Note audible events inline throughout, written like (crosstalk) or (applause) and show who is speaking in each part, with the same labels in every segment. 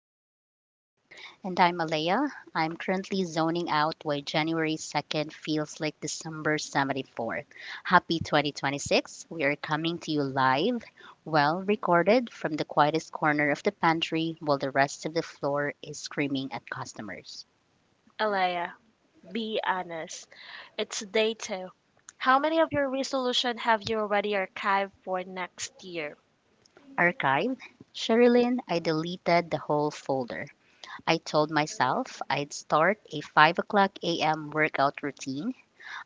Speaker 1: overdose.
Speaker 2: And I'm Alea. I'm currently zoning out why January 2nd feels like December 74th. Happy 2026. We are coming to you live, well recorded from the quietest corner of the pantry while the rest of the floor is screaming at customers.
Speaker 1: Alea, be honest. It's day two. How many of your resolution have you already archived for next year?
Speaker 2: Archive. Sherilyn, I deleted the whole folder. I told myself I'd start a 5 o'clock a.m. workout routine.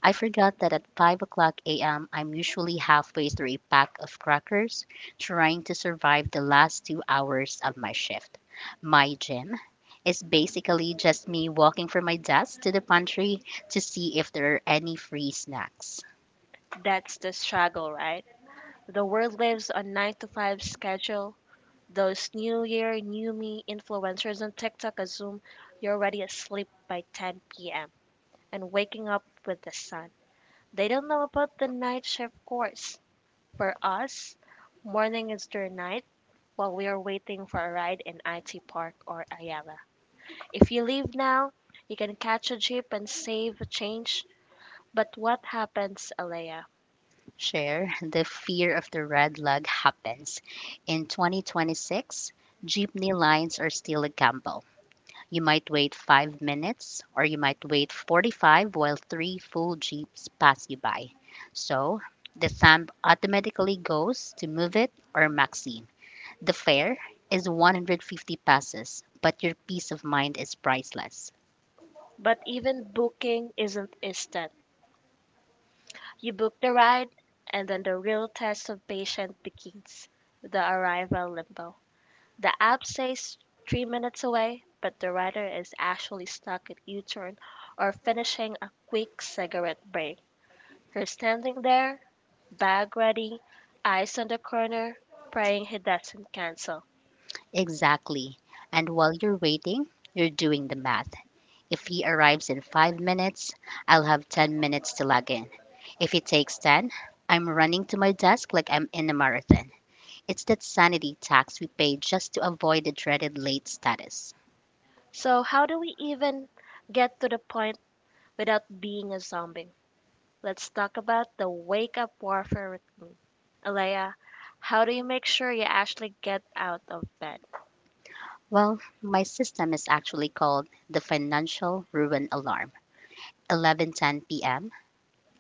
Speaker 2: I forgot that at 5 o'clock a.m., I'm usually halfway through a pack of crackers trying to survive the last 2 hours of my shift. My gym is basically just me walking from my desk to the pantry to see if there are any free snacks.
Speaker 1: That's the struggle, right? The world lives on 9 to 5 schedule. Those new year, new me influencers on TikTok assume you're already asleep by 10 p.m. and waking up with the sun. They don't know about the night shift course. For us, morning is their night while we are waiting for a ride in IT Park or Ayala. If you leave now, you can catch a jeep and save a change. But what happens, Alea?
Speaker 2: Share the fear of the red lug happens. In 2026, jeepney lines are still a gamble. You might wait 5 minutes or you might wait 45 while three full jeeps pass you by. So the stamp automatically goes to Move It or Maxine. The fare is 150 passes, but your peace of mind is priceless.
Speaker 1: But even booking isn't instant. You book the ride, and then the real test of patience begins the arrival limbo. The app says 3 minutes away, but the rider is actually stuck at U turn or finishing a quick cigarette break. You're standing there, bag ready, eyes on the corner, praying he doesn't cancel.
Speaker 2: Exactly. And while you're waiting, you're doing the math. If he arrives in 5 minutes, I'll have 10 minutes to log in. If it takes 10, I'm running to my desk like I'm in a marathon. It's that sanity tax we pay just to avoid the dreaded late status.
Speaker 1: So, how do we even get to the point without being a zombie? Let's talk about the wake up warfare routine. Alea, how do you make sure you actually get out of bed?
Speaker 2: Well, my system is actually called the financial ruin alarm. 11:10 p.m.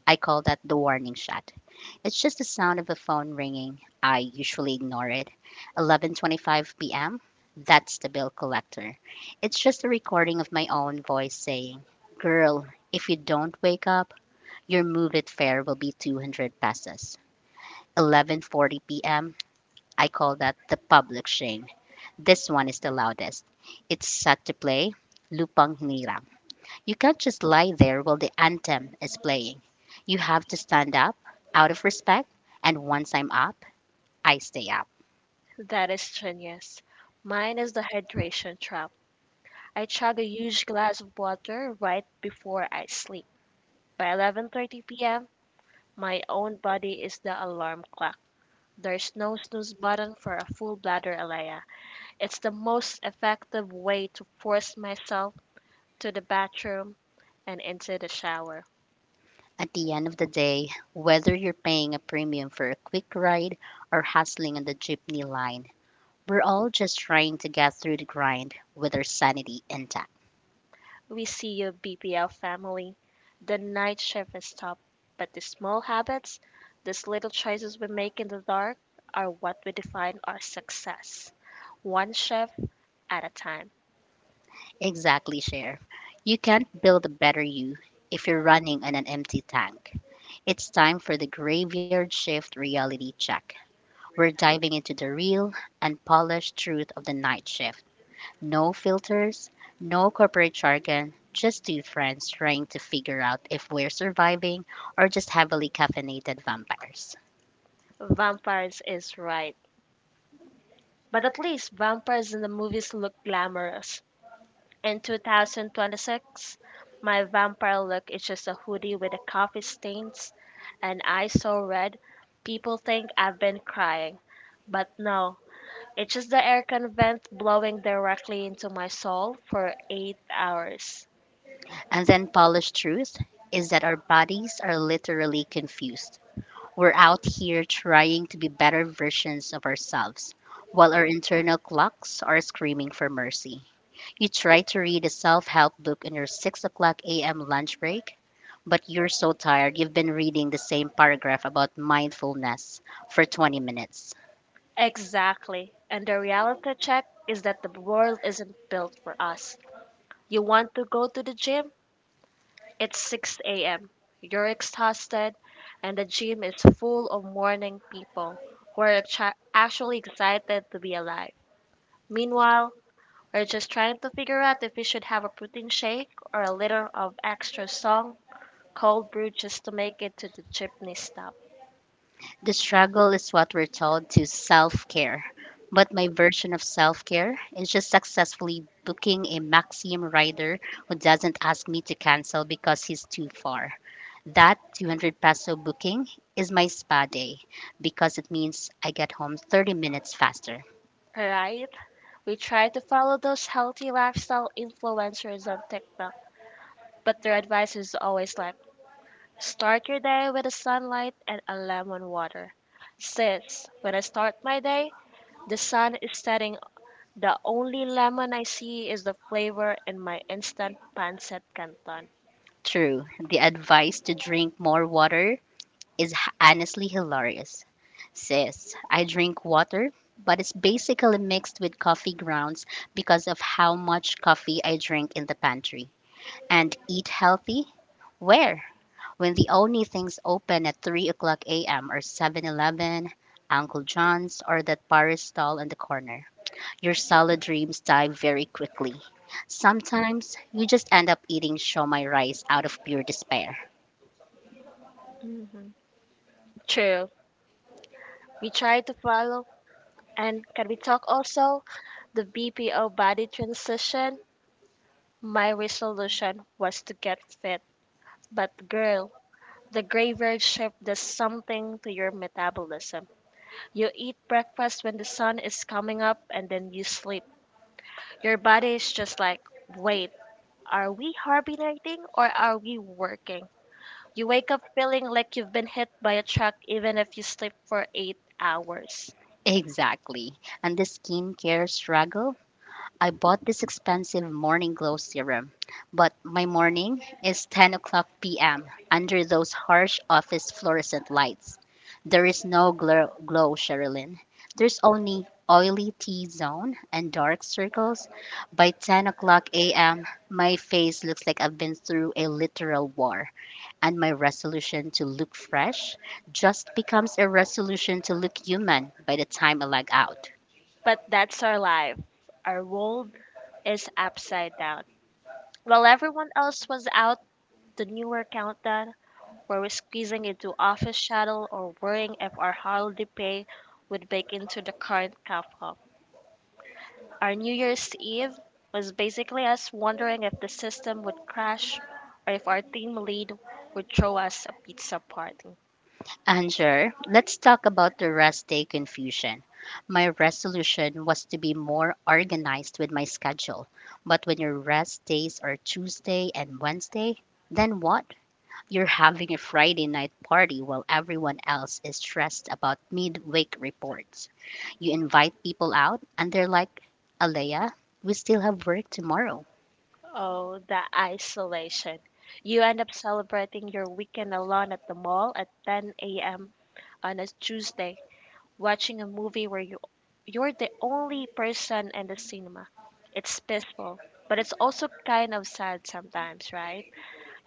Speaker 2: I call that the warning shot. It's just the sound of a phone ringing. I usually ignore it. 11:25 p.m. That's the bill collector. It's just a recording of my own voice saying, "Girl, if you don't wake up, your move it fare will be 200 pesos." 11:40 p.m. I call that the public shame. This one is the loudest. It's set to play Lupang Hinirang. You can't just lie there while the anthem is playing. You have to stand up out of respect, and once I'm up, I stay up.
Speaker 1: That is genius. Mine is the hydration trap. I chug a huge glass of water right before I sleep. By 11:30 p.m., my own body is the alarm clock. There's no snooze button for a full bladder, Alea. It's the most effective way to force myself to the bathroom and into the shower.
Speaker 2: At the end of the day, whether you're paying a premium for a quick ride or hustling on the jeepney line, we're all just trying to get through the grind with our sanity intact.
Speaker 1: We see your BPL family, the night shift is tough, but the small habits, these little choices we make in the dark, are what we define our success. One shift at a time.
Speaker 2: Exactly, Cher. You can't build a better you if you're running on an empty tank. It's time for the Graveyard Shift reality check. We're diving into the real, unpolished truth of the night shift. No filters, no corporate jargon, just two friends trying to figure out if we're surviving or just heavily caffeinated vampires.
Speaker 1: Vampires is right. But at least vampires in the movies look glamorous. In 2026, my vampire look is just a hoodie with a coffee stains and eyes so red, people think I've been crying. But no, it's just the aircon vent blowing directly into my soul for 8 hours.
Speaker 2: And then, polished truth is that our bodies are literally confused. We're out here trying to be better versions of ourselves, while our internal clocks are screaming for mercy. You try to read a self help book on your 6 o'clock a.m. lunch break, but you're so tired you've been reading the same paragraph about mindfulness for 20 minutes.
Speaker 1: Exactly. And the reality check is that the world isn't built for us. You want to go to the gym? It's 6 a.m. You're exhausted, and the gym is full of morning people who are actually excited to be alive. Meanwhile, we're just trying to figure out if we should have a protein shake or a liter of extra strong cold brew just to make it to the chipney stop.
Speaker 2: The struggle is what we're told to self care, but my version of self care is just successfully booking a Maxim rider who doesn't ask me to cancel because he's too far. That 200 peso booking is my spa day because it means I get home 30 minutes faster.
Speaker 1: Right? We try to follow those healthy lifestyle influencers on TikTok, but their advice is always like start your day with the sunlight and a lemon water. Since when I start my day, the sun is setting. The only lemon I see is the flavor in my instant pancit canton.
Speaker 2: True, the advice to drink more water is honestly hilarious. Sis, I drink water, but it's basically mixed with coffee grounds because of how much coffee I drink in the pantry. And eat healthy? Where? When the only things open at 3 o'clock a.m. are Seven Eleven, Uncle John's, or that Paris stall on the corner. Your salad dreams die very quickly. Sometimes you just end up eating shomai rice out of pure despair.
Speaker 1: True. We try to follow. And can we talk also the BPO body transition? My resolution was to get fit. But girl, the graveyard shift does something to your metabolism. You eat breakfast when the sun is coming up and then you sleep. Your body is just like, wait, are we hibernating or are we working? You wake up feeling like you've been hit by a truck even if you sleep for 8 hours.
Speaker 2: Exactly. And the skincare struggle, I bought this expensive morning glow serum, but my morning is 10 o'clock p.m. under those harsh office fluorescent lights. There is no glow, Sherilyn. There's only oily T zone and dark circles. By 10 o'clock a.m., my face looks like I've been through a literal war, and my resolution to look fresh just becomes a resolution to look human by the time I lag out.
Speaker 1: But that's our life. Our world is upside down. While everyone else was out, the newer countdown, where we're squeezing into office shuttle or worrying if our holiday pay would bake into the current CAFA. Our New Year's Eve was basically us wondering if the system would crash or if our team lead would throw us a pizza party.
Speaker 2: And sure, let's talk about the rest day confusion. My resolution was to be more organized with my schedule. But when your rest days are Tuesday and Wednesday, then what? You're having a Friday night party while everyone else is stressed about midweek reports. You invite people out, and they're like, "Alea, we still have work tomorrow."
Speaker 1: Oh, the isolation. You end up celebrating your weekend alone at the mall at 10 a.m. on a Tuesday watching a movie where you're the only person in the cinema. It's peaceful, but it's also kind of sad sometimes, right?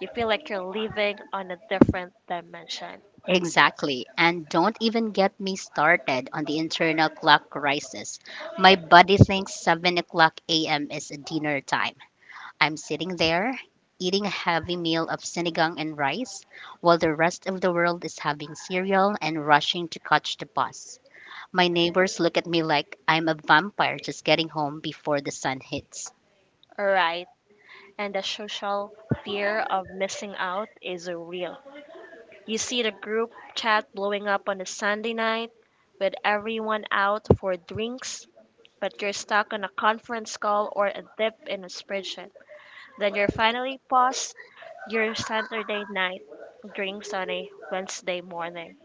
Speaker 1: You feel like you're living on a different dimension.
Speaker 2: Exactly. And don't even get me started on the internal clock crisis. My body thinks 7 o'clock a.m. is dinner time. I'm sitting there eating a heavy meal of sinigang and rice while the rest of the world is having cereal and rushing to catch the bus. My neighbors look at me like I'm a vampire just getting home before the sun hits.
Speaker 1: All right. And the social fear of missing out is real. You see the group chat blowing up on a Sunday night with everyone out for drinks, but you're stuck on a conference call or a dip in a spreadsheet. Then you're finally past your Saturday night drinks on a Wednesday morning.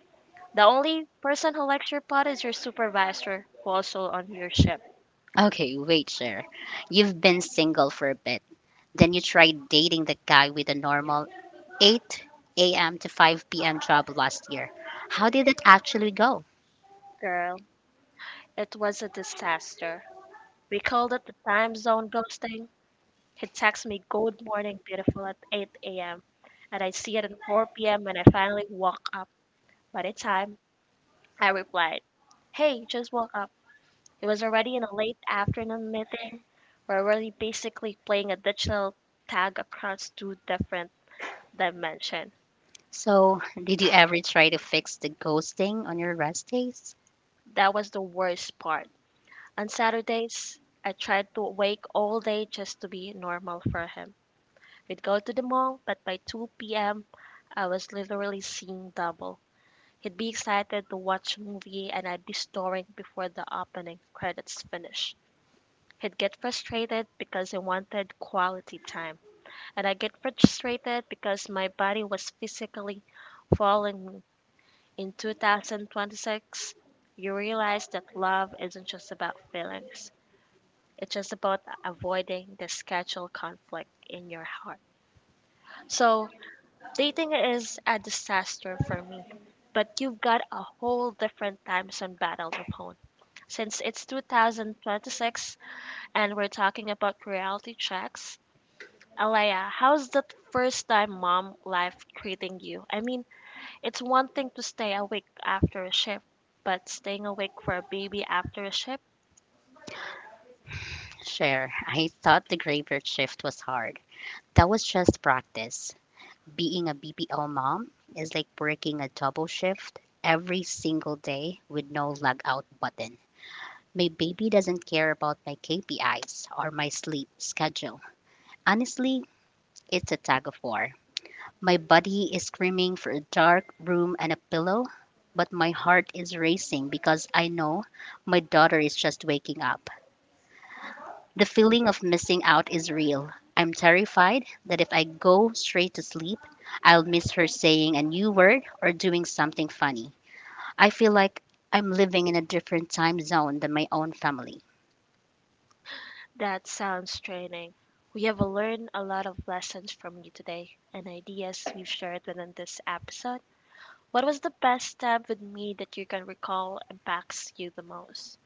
Speaker 1: The only person who likes your pot is your supervisor, who also on your ship.
Speaker 2: Okay, wait, sir. You've been single for a bit. Then you tried dating the guy with a normal 8 a.m. to 5 p.m. job last year. How did it actually go?
Speaker 1: Girl, it was a disaster. We called it the time zone ghosting. He texts me good morning beautiful at 8 a.m. and I see it at 4 p.m. when I finally woke up. By the time I replied, hey, just woke up. It was already in a late afternoon meeting. We are already basically playing additional tag across two different dimensions.
Speaker 2: So, did you ever try to fix the ghosting on your rest days?
Speaker 1: That was the worst part. On Saturdays, I tried to wake all day just to be normal for him. We'd go to the mall, but by 2 p.m., I was literally seeing double. He'd be excited to watch a movie, and I'd be snoring before the opening credits finish. He'd get frustrated because he wanted quality time, and I get frustrated because my body was physically failing me. In 2026, you realize that love isn't just about feelings. It's just about avoiding the schedule conflict in your heart. So, dating is a disaster for me, but you've got a whole different time zone battle to phone. Since it's 2026 and we're talking about reality checks, Alaya, how's that first time mom life treating you? I mean, it's one thing to stay awake after a shift, but staying awake for a baby after a shift,
Speaker 2: Sure, I thought the graveyard shift was hard. That was just practice. Being a BPO mom is like working a double shift every single day with no log out button. My baby doesn't care about my KPIs or my sleep schedule. Honestly, it's a tug of war. My body is screaming for a dark room and a pillow, but my heart is racing because I know my daughter is just waking up. The feeling of missing out is real. I'm terrified that if I go straight to sleep, I'll miss her saying a new word or doing something funny. I feel like I'm living in a different time zone than my own family.
Speaker 1: that sounds draining. We have learned a lot of lessons from you today and ideas we've shared within this episode. What was the best step with me that you can recall impacts you the most?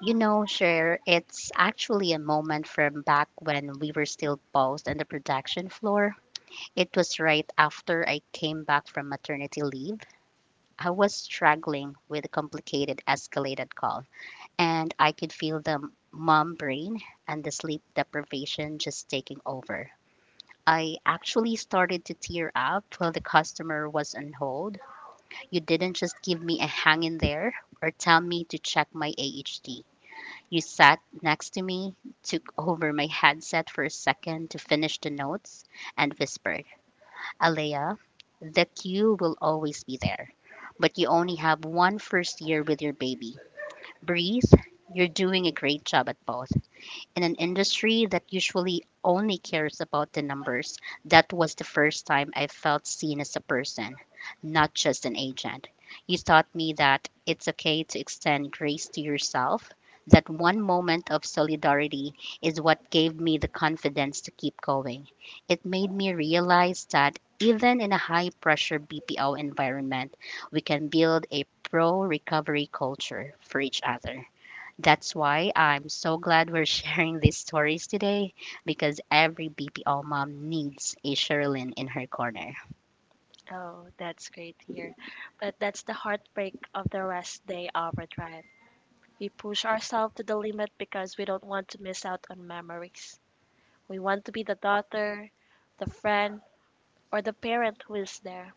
Speaker 2: You know, Cher, it's actually a moment from back when we were still paused on the production floor. It was right after I came back from maternity leave. I was struggling with a complicated escalated call, and I could feel the mom brain and the sleep deprivation just taking over. I actually started to tear up while the customer was on hold. You didn't just give me a hang in there or tell me to check my AHT. You sat next to me, took over my headset for a second to finish the notes, and whispered, "Alea, the queue will always be there, but you only have one first year with your baby. Breathe, you're doing a great job at both in an industry that usually only cares about the numbers." That was the first time I felt seen as a person, not just an agent. You taught me that it's okay to extend grace to yourself, that one moment of solidarity is what gave me the confidence to keep going. It made me realize that even in a high pressure BPO environment, we can build a pro recovery culture for each other. That's why I'm so glad we're (laughs) sharing these stories today because every BPO mom needs a Sherilyn in her corner.
Speaker 1: Oh, that's great to hear. But that's the heartbreak of the rest day overdrive. We push ourselves to the limit because we don't want to miss out on memories. We want to be the daughter, the friend, or the parent who is there.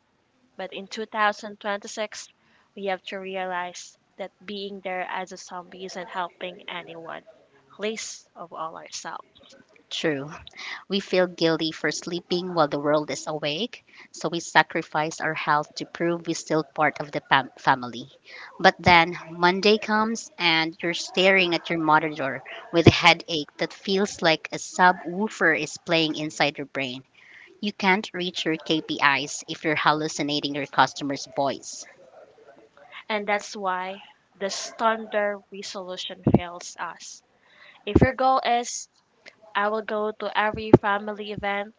Speaker 1: But in 2026, we have to realize that being there as a zombie isn't helping anyone, least of all ourselves.
Speaker 2: True. We feel guilty for sleeping while the world is awake, so we sacrifice our health to prove we're still part of the family. But then Monday comes and you're staring at your monitor with a headache that feels like a subwoofer is playing inside your brain. You can't reach your KPIs if you're hallucinating your customer's voice.
Speaker 1: And that's why the standard resolution fails us. If your goal is, I will go to every family event,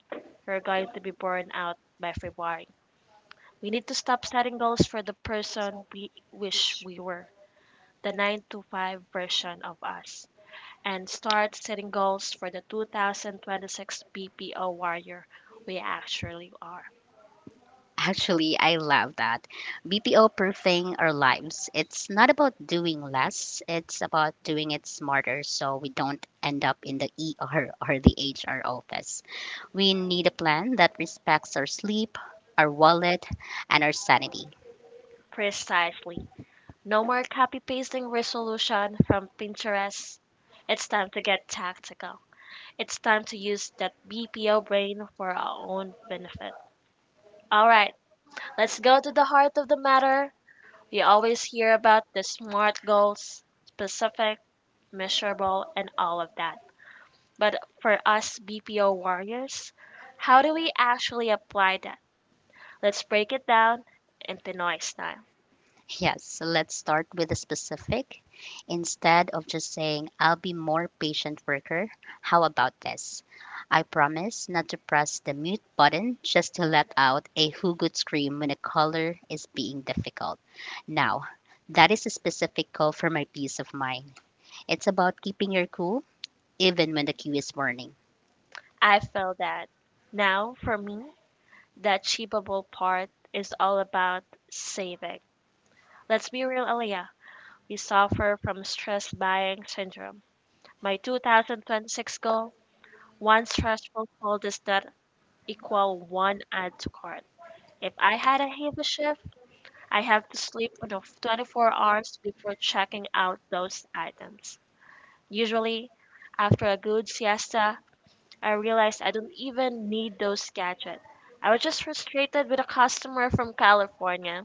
Speaker 1: you're going to be burned out by February. We need to stop setting goals for the person we wish we were, the 9 to 5 version of us, and start setting goals for the 2026 BPO warrior we actually are.
Speaker 2: Actually, I love that. BPO proofing our lives. It's not about doing less, it's about doing it smarter so we don't end up in the ER or the HR office. We need a plan that respects our sleep, our wallet, and our sanity.
Speaker 1: Precisely. No more copy pasting resolution from Pinterest. It's time to get tactical. It's time to use that BPO brain for our own benefit. All right, let's go to the heart of the matter. We always hear about the SMART goals specific, miserable, and all of that. But for us BPO warriors, how do we actually apply that? Let's break it down in Pinoy style.
Speaker 2: Yes, so let's start with the specific. Instead of just saying, "I'll be more patient worker," how about this? I promise not to press the mute button just to let out a hoogut scream when a caller is being difficult. Now, that is a specific call for my peace of mind. It's about keeping your cool even when the queue is warning.
Speaker 1: I feel that now for me, the achievable part is all about saving. Let's be real, Aliyah. We suffer from stress buying syndrome. My 2026 goal one stressful call does not equal one add to cart. If I had a heavy shift, I have to sleep for 24 hours before checking out those items. Usually, after a good siesta, I realize I don't even need those gadgets. I was just frustrated with a customer from California.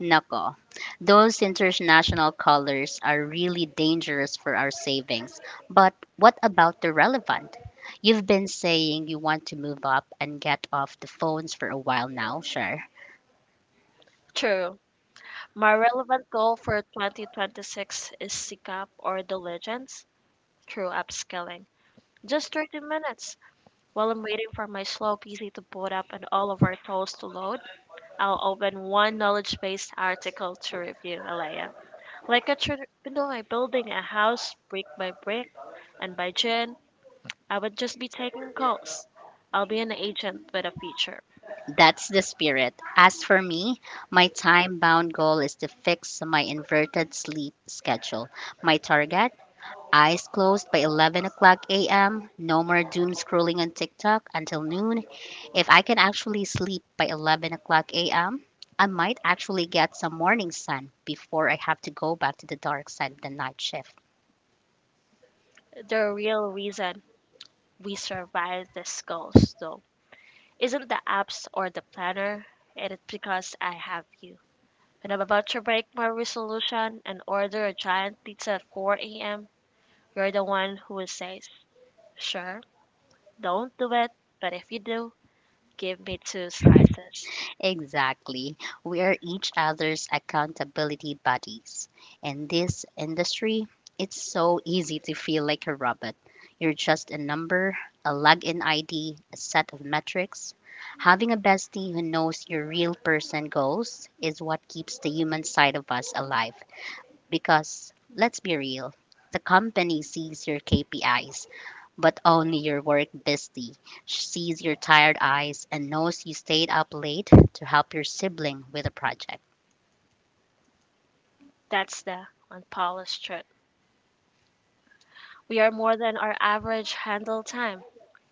Speaker 2: Nako, those international colors are really dangerous for our savings. But what about the relevant? You've been saying you want to move up and get off the phones for a while now, Cher.
Speaker 1: True. My relevant goal for 2026 is SICAP or diligence. Legends through upskilling. Just 30 minutes. While I'm waiting for my slow PC to boot up and all of our tools to load, I'll open one knowledge based article to review, Alea. Like a tr- you know, like building a house brick by brick, and by June, I would just be taking calls. I'll be an agent with a future.
Speaker 2: That's the spirit. As for me, my time bound goal is to fix my inverted sleep schedule. My target: eyes closed by 11 o'clock a.m., no more doom scrolling on TikTok until noon. If I can actually sleep by 11 o'clock a.m., I might actually get some morning sun before I have to go back to the dark side of the night shift.
Speaker 1: The real reason we survived this ghost, though, isn't the apps or the planner. It is because I have you. When I'm about to break my resolution and order a giant pizza at 4 a.m., you're the one who says, "Sure, don't do it, but if you do, give me two slices."
Speaker 2: Exactly. We are each other's accountability buddies. In this industry, it's so easy to feel like a robot. You're just a number, a login ID, a set of metrics. Having a bestie who knows your real person goals is what keeps the human side of us alive. Because let's be real, the company sees your KPIs, but only your work bestie sees your tired eyes and knows you stayed up late to help your sibling with a project.
Speaker 1: That's the unpolished truth. We are more than our average handle time.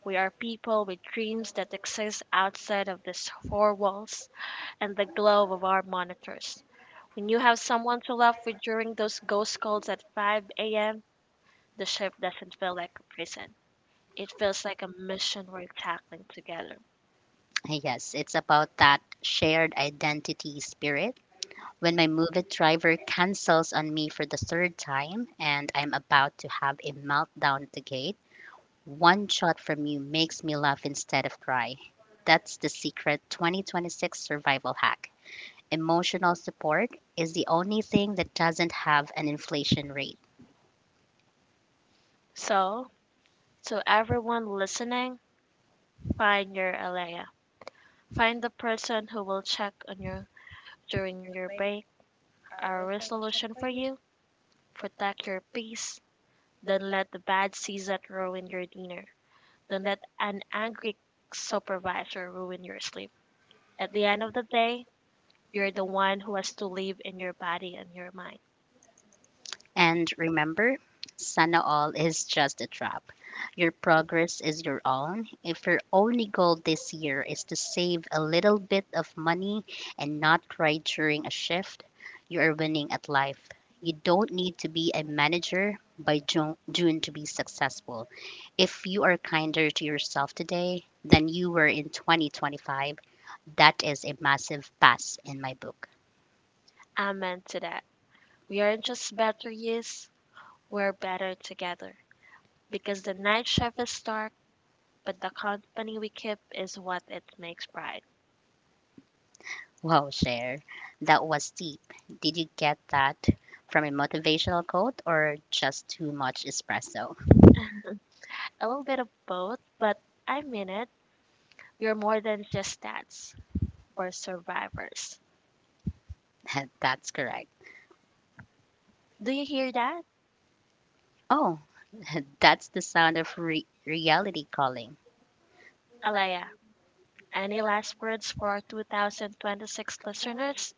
Speaker 1: We are people with dreams that exist outside of these four walls and the glow of our monitors. When you have someone to laugh with during those ghost calls at 5 a.m., the shift doesn't feel like a prison. It feels like a mission we're tackling together.
Speaker 2: Yes, it's about that shared identity spirit. When my Moovit driver cancels on me for the third time and I'm about to have a meltdown at the gate, one shot from you makes me laugh instead of cry. That's the secret 2026 survival hack. Emotional support is the only thing that doesn't have an inflation rate.
Speaker 1: So, to everyone listening, find your Alea. Find the person who will check on you during your break. Our resolution for you protect your peace. Don't let the bad season ruin your dinner. Don't let an angry supervisor ruin your sleep. At the end of the day, you're the one who has to live in your body and your mind.
Speaker 2: And remember, Sana All is just a trap. Your progress is your own. If your only goal this year is to save a little bit of money and not cry during a shift, you are winning at life. You don't need to be a manager by June to be successful. If you are kinder to yourself today than you were in 2025, that is a massive pass in my book.
Speaker 1: Amen to that. We aren't just better yes, we're better together. Because the night shift is dark, but the company we keep is what it makes bright.
Speaker 2: Wow, Cher, that was deep. Did you get that from a motivational quote or just too much espresso?
Speaker 1: A little bit of both, but I mean it. We're more than just stats. We're survivors.
Speaker 2: (laughs) That's correct.
Speaker 1: Do you hear that?
Speaker 2: Oh, (laughs) that's the sound of reality calling.
Speaker 1: Alaya, any last words for our 2026 listeners?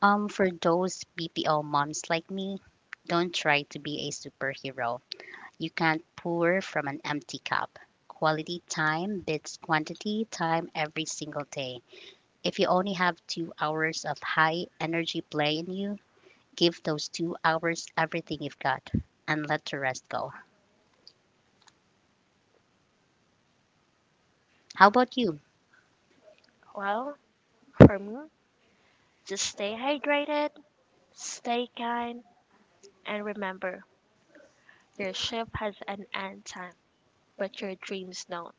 Speaker 2: For those BPO moms like me, don't try to be a superhero. You can't pour from an empty cup. Quality time beats quantity time every single day. If you only have 2 hours of high energy play in you, give those 2 hours everything you've got and let the rest go. How about you?
Speaker 1: Well, for me, just stay hydrated, stay kind, and remember your shift has an end time, but your dreams don't.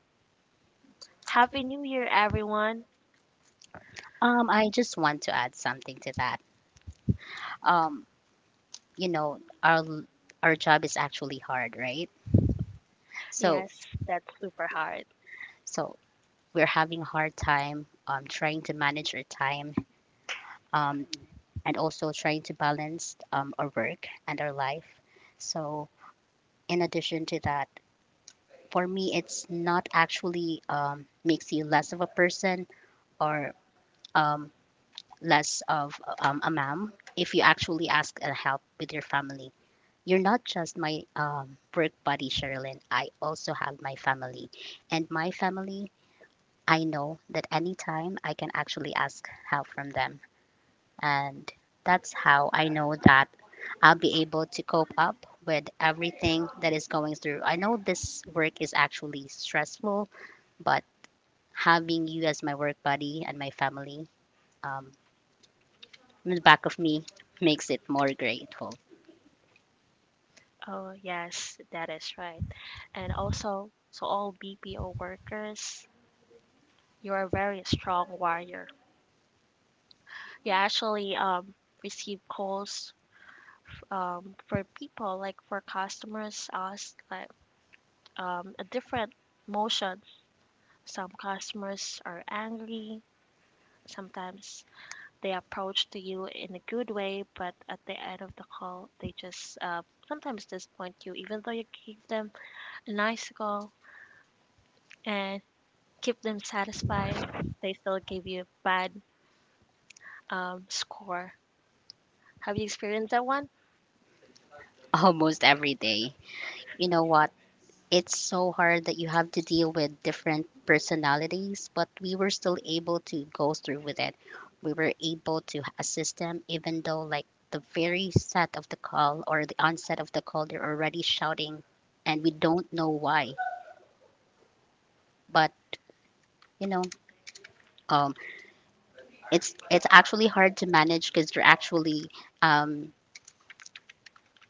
Speaker 1: Happy New Year, everyone!
Speaker 2: I just want to add something to that. Um, you know, our our job is actually hard, right? So
Speaker 1: Yes, that's super hard.
Speaker 2: so we're having a hard time trying to manage our time um, and also trying to balance our work and our life. So, in addition to that, for me, it's not actually makes you less of a person or um, less of a ma'am if you actually ask and help with your family. You're not just my work buddy, Sherilyn. I also have my family. And my family, I know that anytime I can actually ask help from them. And that's how I know that I'll be able to cope up with everything that is going through. I know this work is actually stressful, but having you as my work buddy and my family, um, in the back of me makes it more grateful
Speaker 1: Oh, yes, that is right. And also, to all BPO workers, you are a very strong warrior. You actually receive calls for people, like for customers, us like a different motion. Some customers are angry. Sometimes they approach to you in a good way, but at the end of the call, they just sometimes disappoint you, even though you give them a nice call and keep them satisfied. They still give you a bad score. Have you experienced that one?
Speaker 2: almost every day. You know what? It's so hard that you have to deal with different personalities, but we were still able to go through with it. We were able to assist them, even though, like, the very set of the call or the onset of the call, they're already shouting, and we don't know why. But, you know, um, it's actually hard to manage because they're actually um,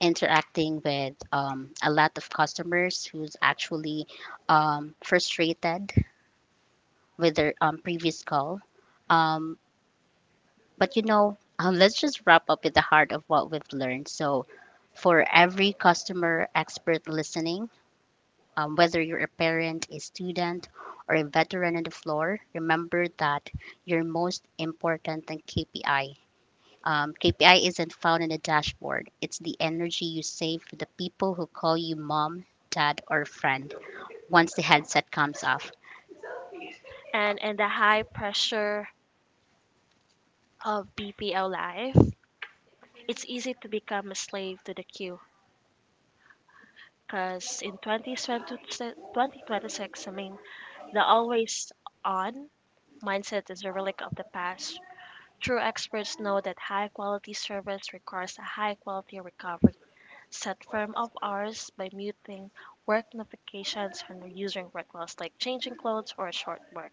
Speaker 2: interacting with a lot of customers who's actually frustrated with their previous call. Um, but you know, (laughs) let's just wrap up with the heart of what we've learned. So, for every customer expert listening, whether you're a parent, a student, or a veteran on the floor, remember that your most important KPI isn't found in the dashboard. It's the energy you save for the people who call you mom, dad, or friend once the headset comes off.
Speaker 1: And the high pressure of BPO life. It's easy to become a slave to the queue because in 2026, I mean, the always on mindset is a relic of the past. True experts know that high quality service requires a high quality recovery. Set firm of hours by muting work notifications and using rituals like changing clothes or short work.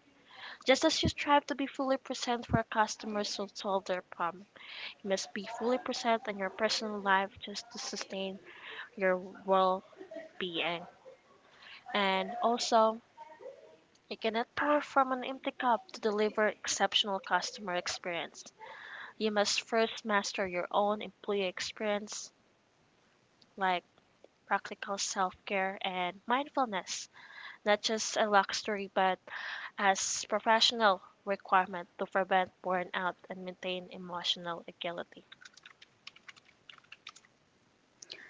Speaker 1: Just as you strive to be fully present for customers to solve their problem, you must be fully present in your personal life just to sustain your well being. And also, you cannot pour from an empty cup to deliver exceptional customer experience. You must first master your own employee experience, like practical self care and mindfulness, not just a luxury but as professional requirement to prevent burnout and maintain emotional agility.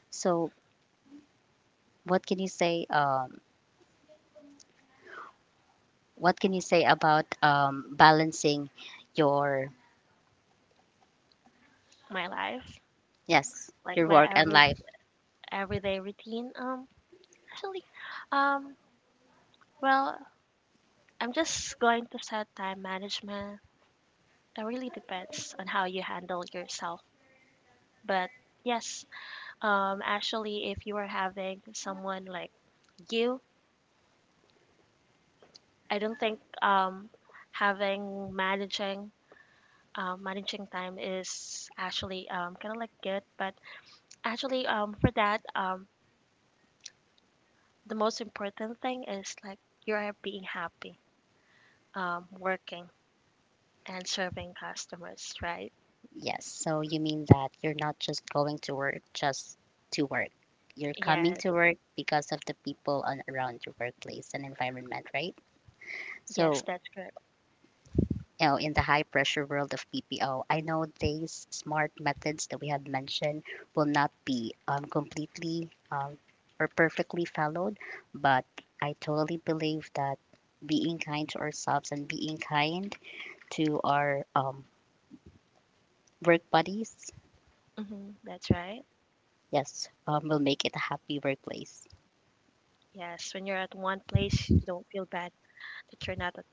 Speaker 2: So, what can you say? What can you say about balancing your
Speaker 1: My life,
Speaker 2: yes,
Speaker 1: like
Speaker 2: your
Speaker 1: my
Speaker 2: work and
Speaker 1: every
Speaker 2: life?
Speaker 1: everyday routine, actually, um, well, I'm just going to set time management. It really depends on how you handle yourself. But yes, actually, if you are having someone like you, I don't think having managing managing time is actually kind of like good. But actually, for that, the most important thing is like you are being happy, working and serving customers, right?
Speaker 2: Yes. So you mean that you're not just going to work just to work. You're coming
Speaker 1: Yes,
Speaker 2: to work because of the people on, around your workplace and environment, right?
Speaker 1: yes,
Speaker 2: So
Speaker 1: that's correct.
Speaker 2: you know, in the high pressure world of PPO, I know these smart methods that we have mentioned will not be completely or perfectly followed, but I totally believe that being kind to ourselves and being kind to our work buddies,
Speaker 1: Hmm, that's right.
Speaker 2: yes, will make it a happy workplace.
Speaker 1: Yes, when you're at one place, you don't feel bad that you're not at,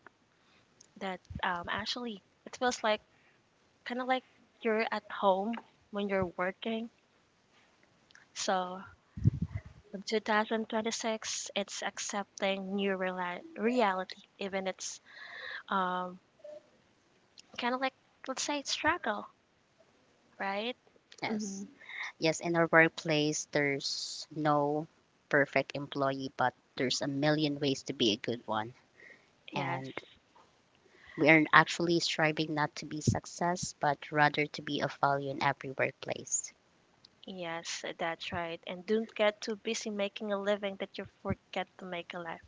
Speaker 1: that actually it feels like kind of like you're at home when you're working. So in 2026, it's accepting new reality, even it's um kind of like, let's say it's struggle, right? Hmm.
Speaker 2: Yes. Yes, in our workplace, there's no perfect employee, but there's a million ways to be a good one.
Speaker 1: Yes,
Speaker 2: And we are actually striving not to be success, but rather to be of value in every workplace. (laughs)
Speaker 1: yes, that's right. And don't get too busy making a living that you forget to make a life.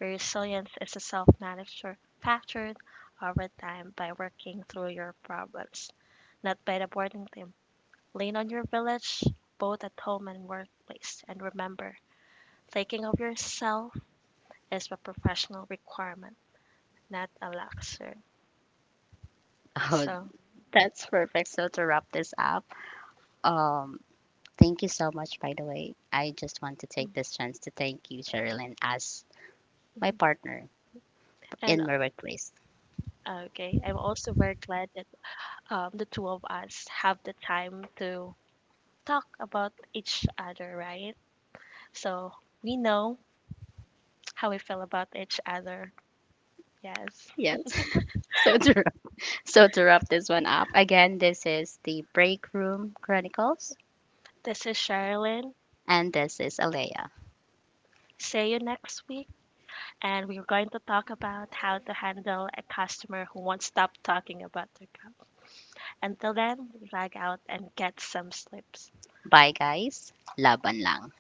Speaker 1: Your resilience is a self manufactured over time by working through your problems, not by the boarding team. Lean on your village, both at home and workplace, and remember, taking of yourself is a professional requirement, not a luxury.
Speaker 2: Oh,
Speaker 1: So,
Speaker 2: that's perfect. So to wrap this up, um, thank you so much. By the way, I just want to take this chance to thank you, Sherilyn, as my
Speaker 1: mhm.
Speaker 2: partner
Speaker 1: And
Speaker 2: in my workplace.
Speaker 1: okay, I'm also very glad that the two of us have the time to talk about each other, right? So we know how we feel about each other. Yes.
Speaker 2: Yes. (laughs) so to so to wrap this one up, again, this is the Break Room Chronicles,
Speaker 1: This is Sherilyn.
Speaker 2: and this is Alea.
Speaker 1: See you next week. And we're going to talk about how to handle a customer who won't stop talking about their cup. Until then, log out and get some sleep.
Speaker 2: Bye, guys. Laban lang.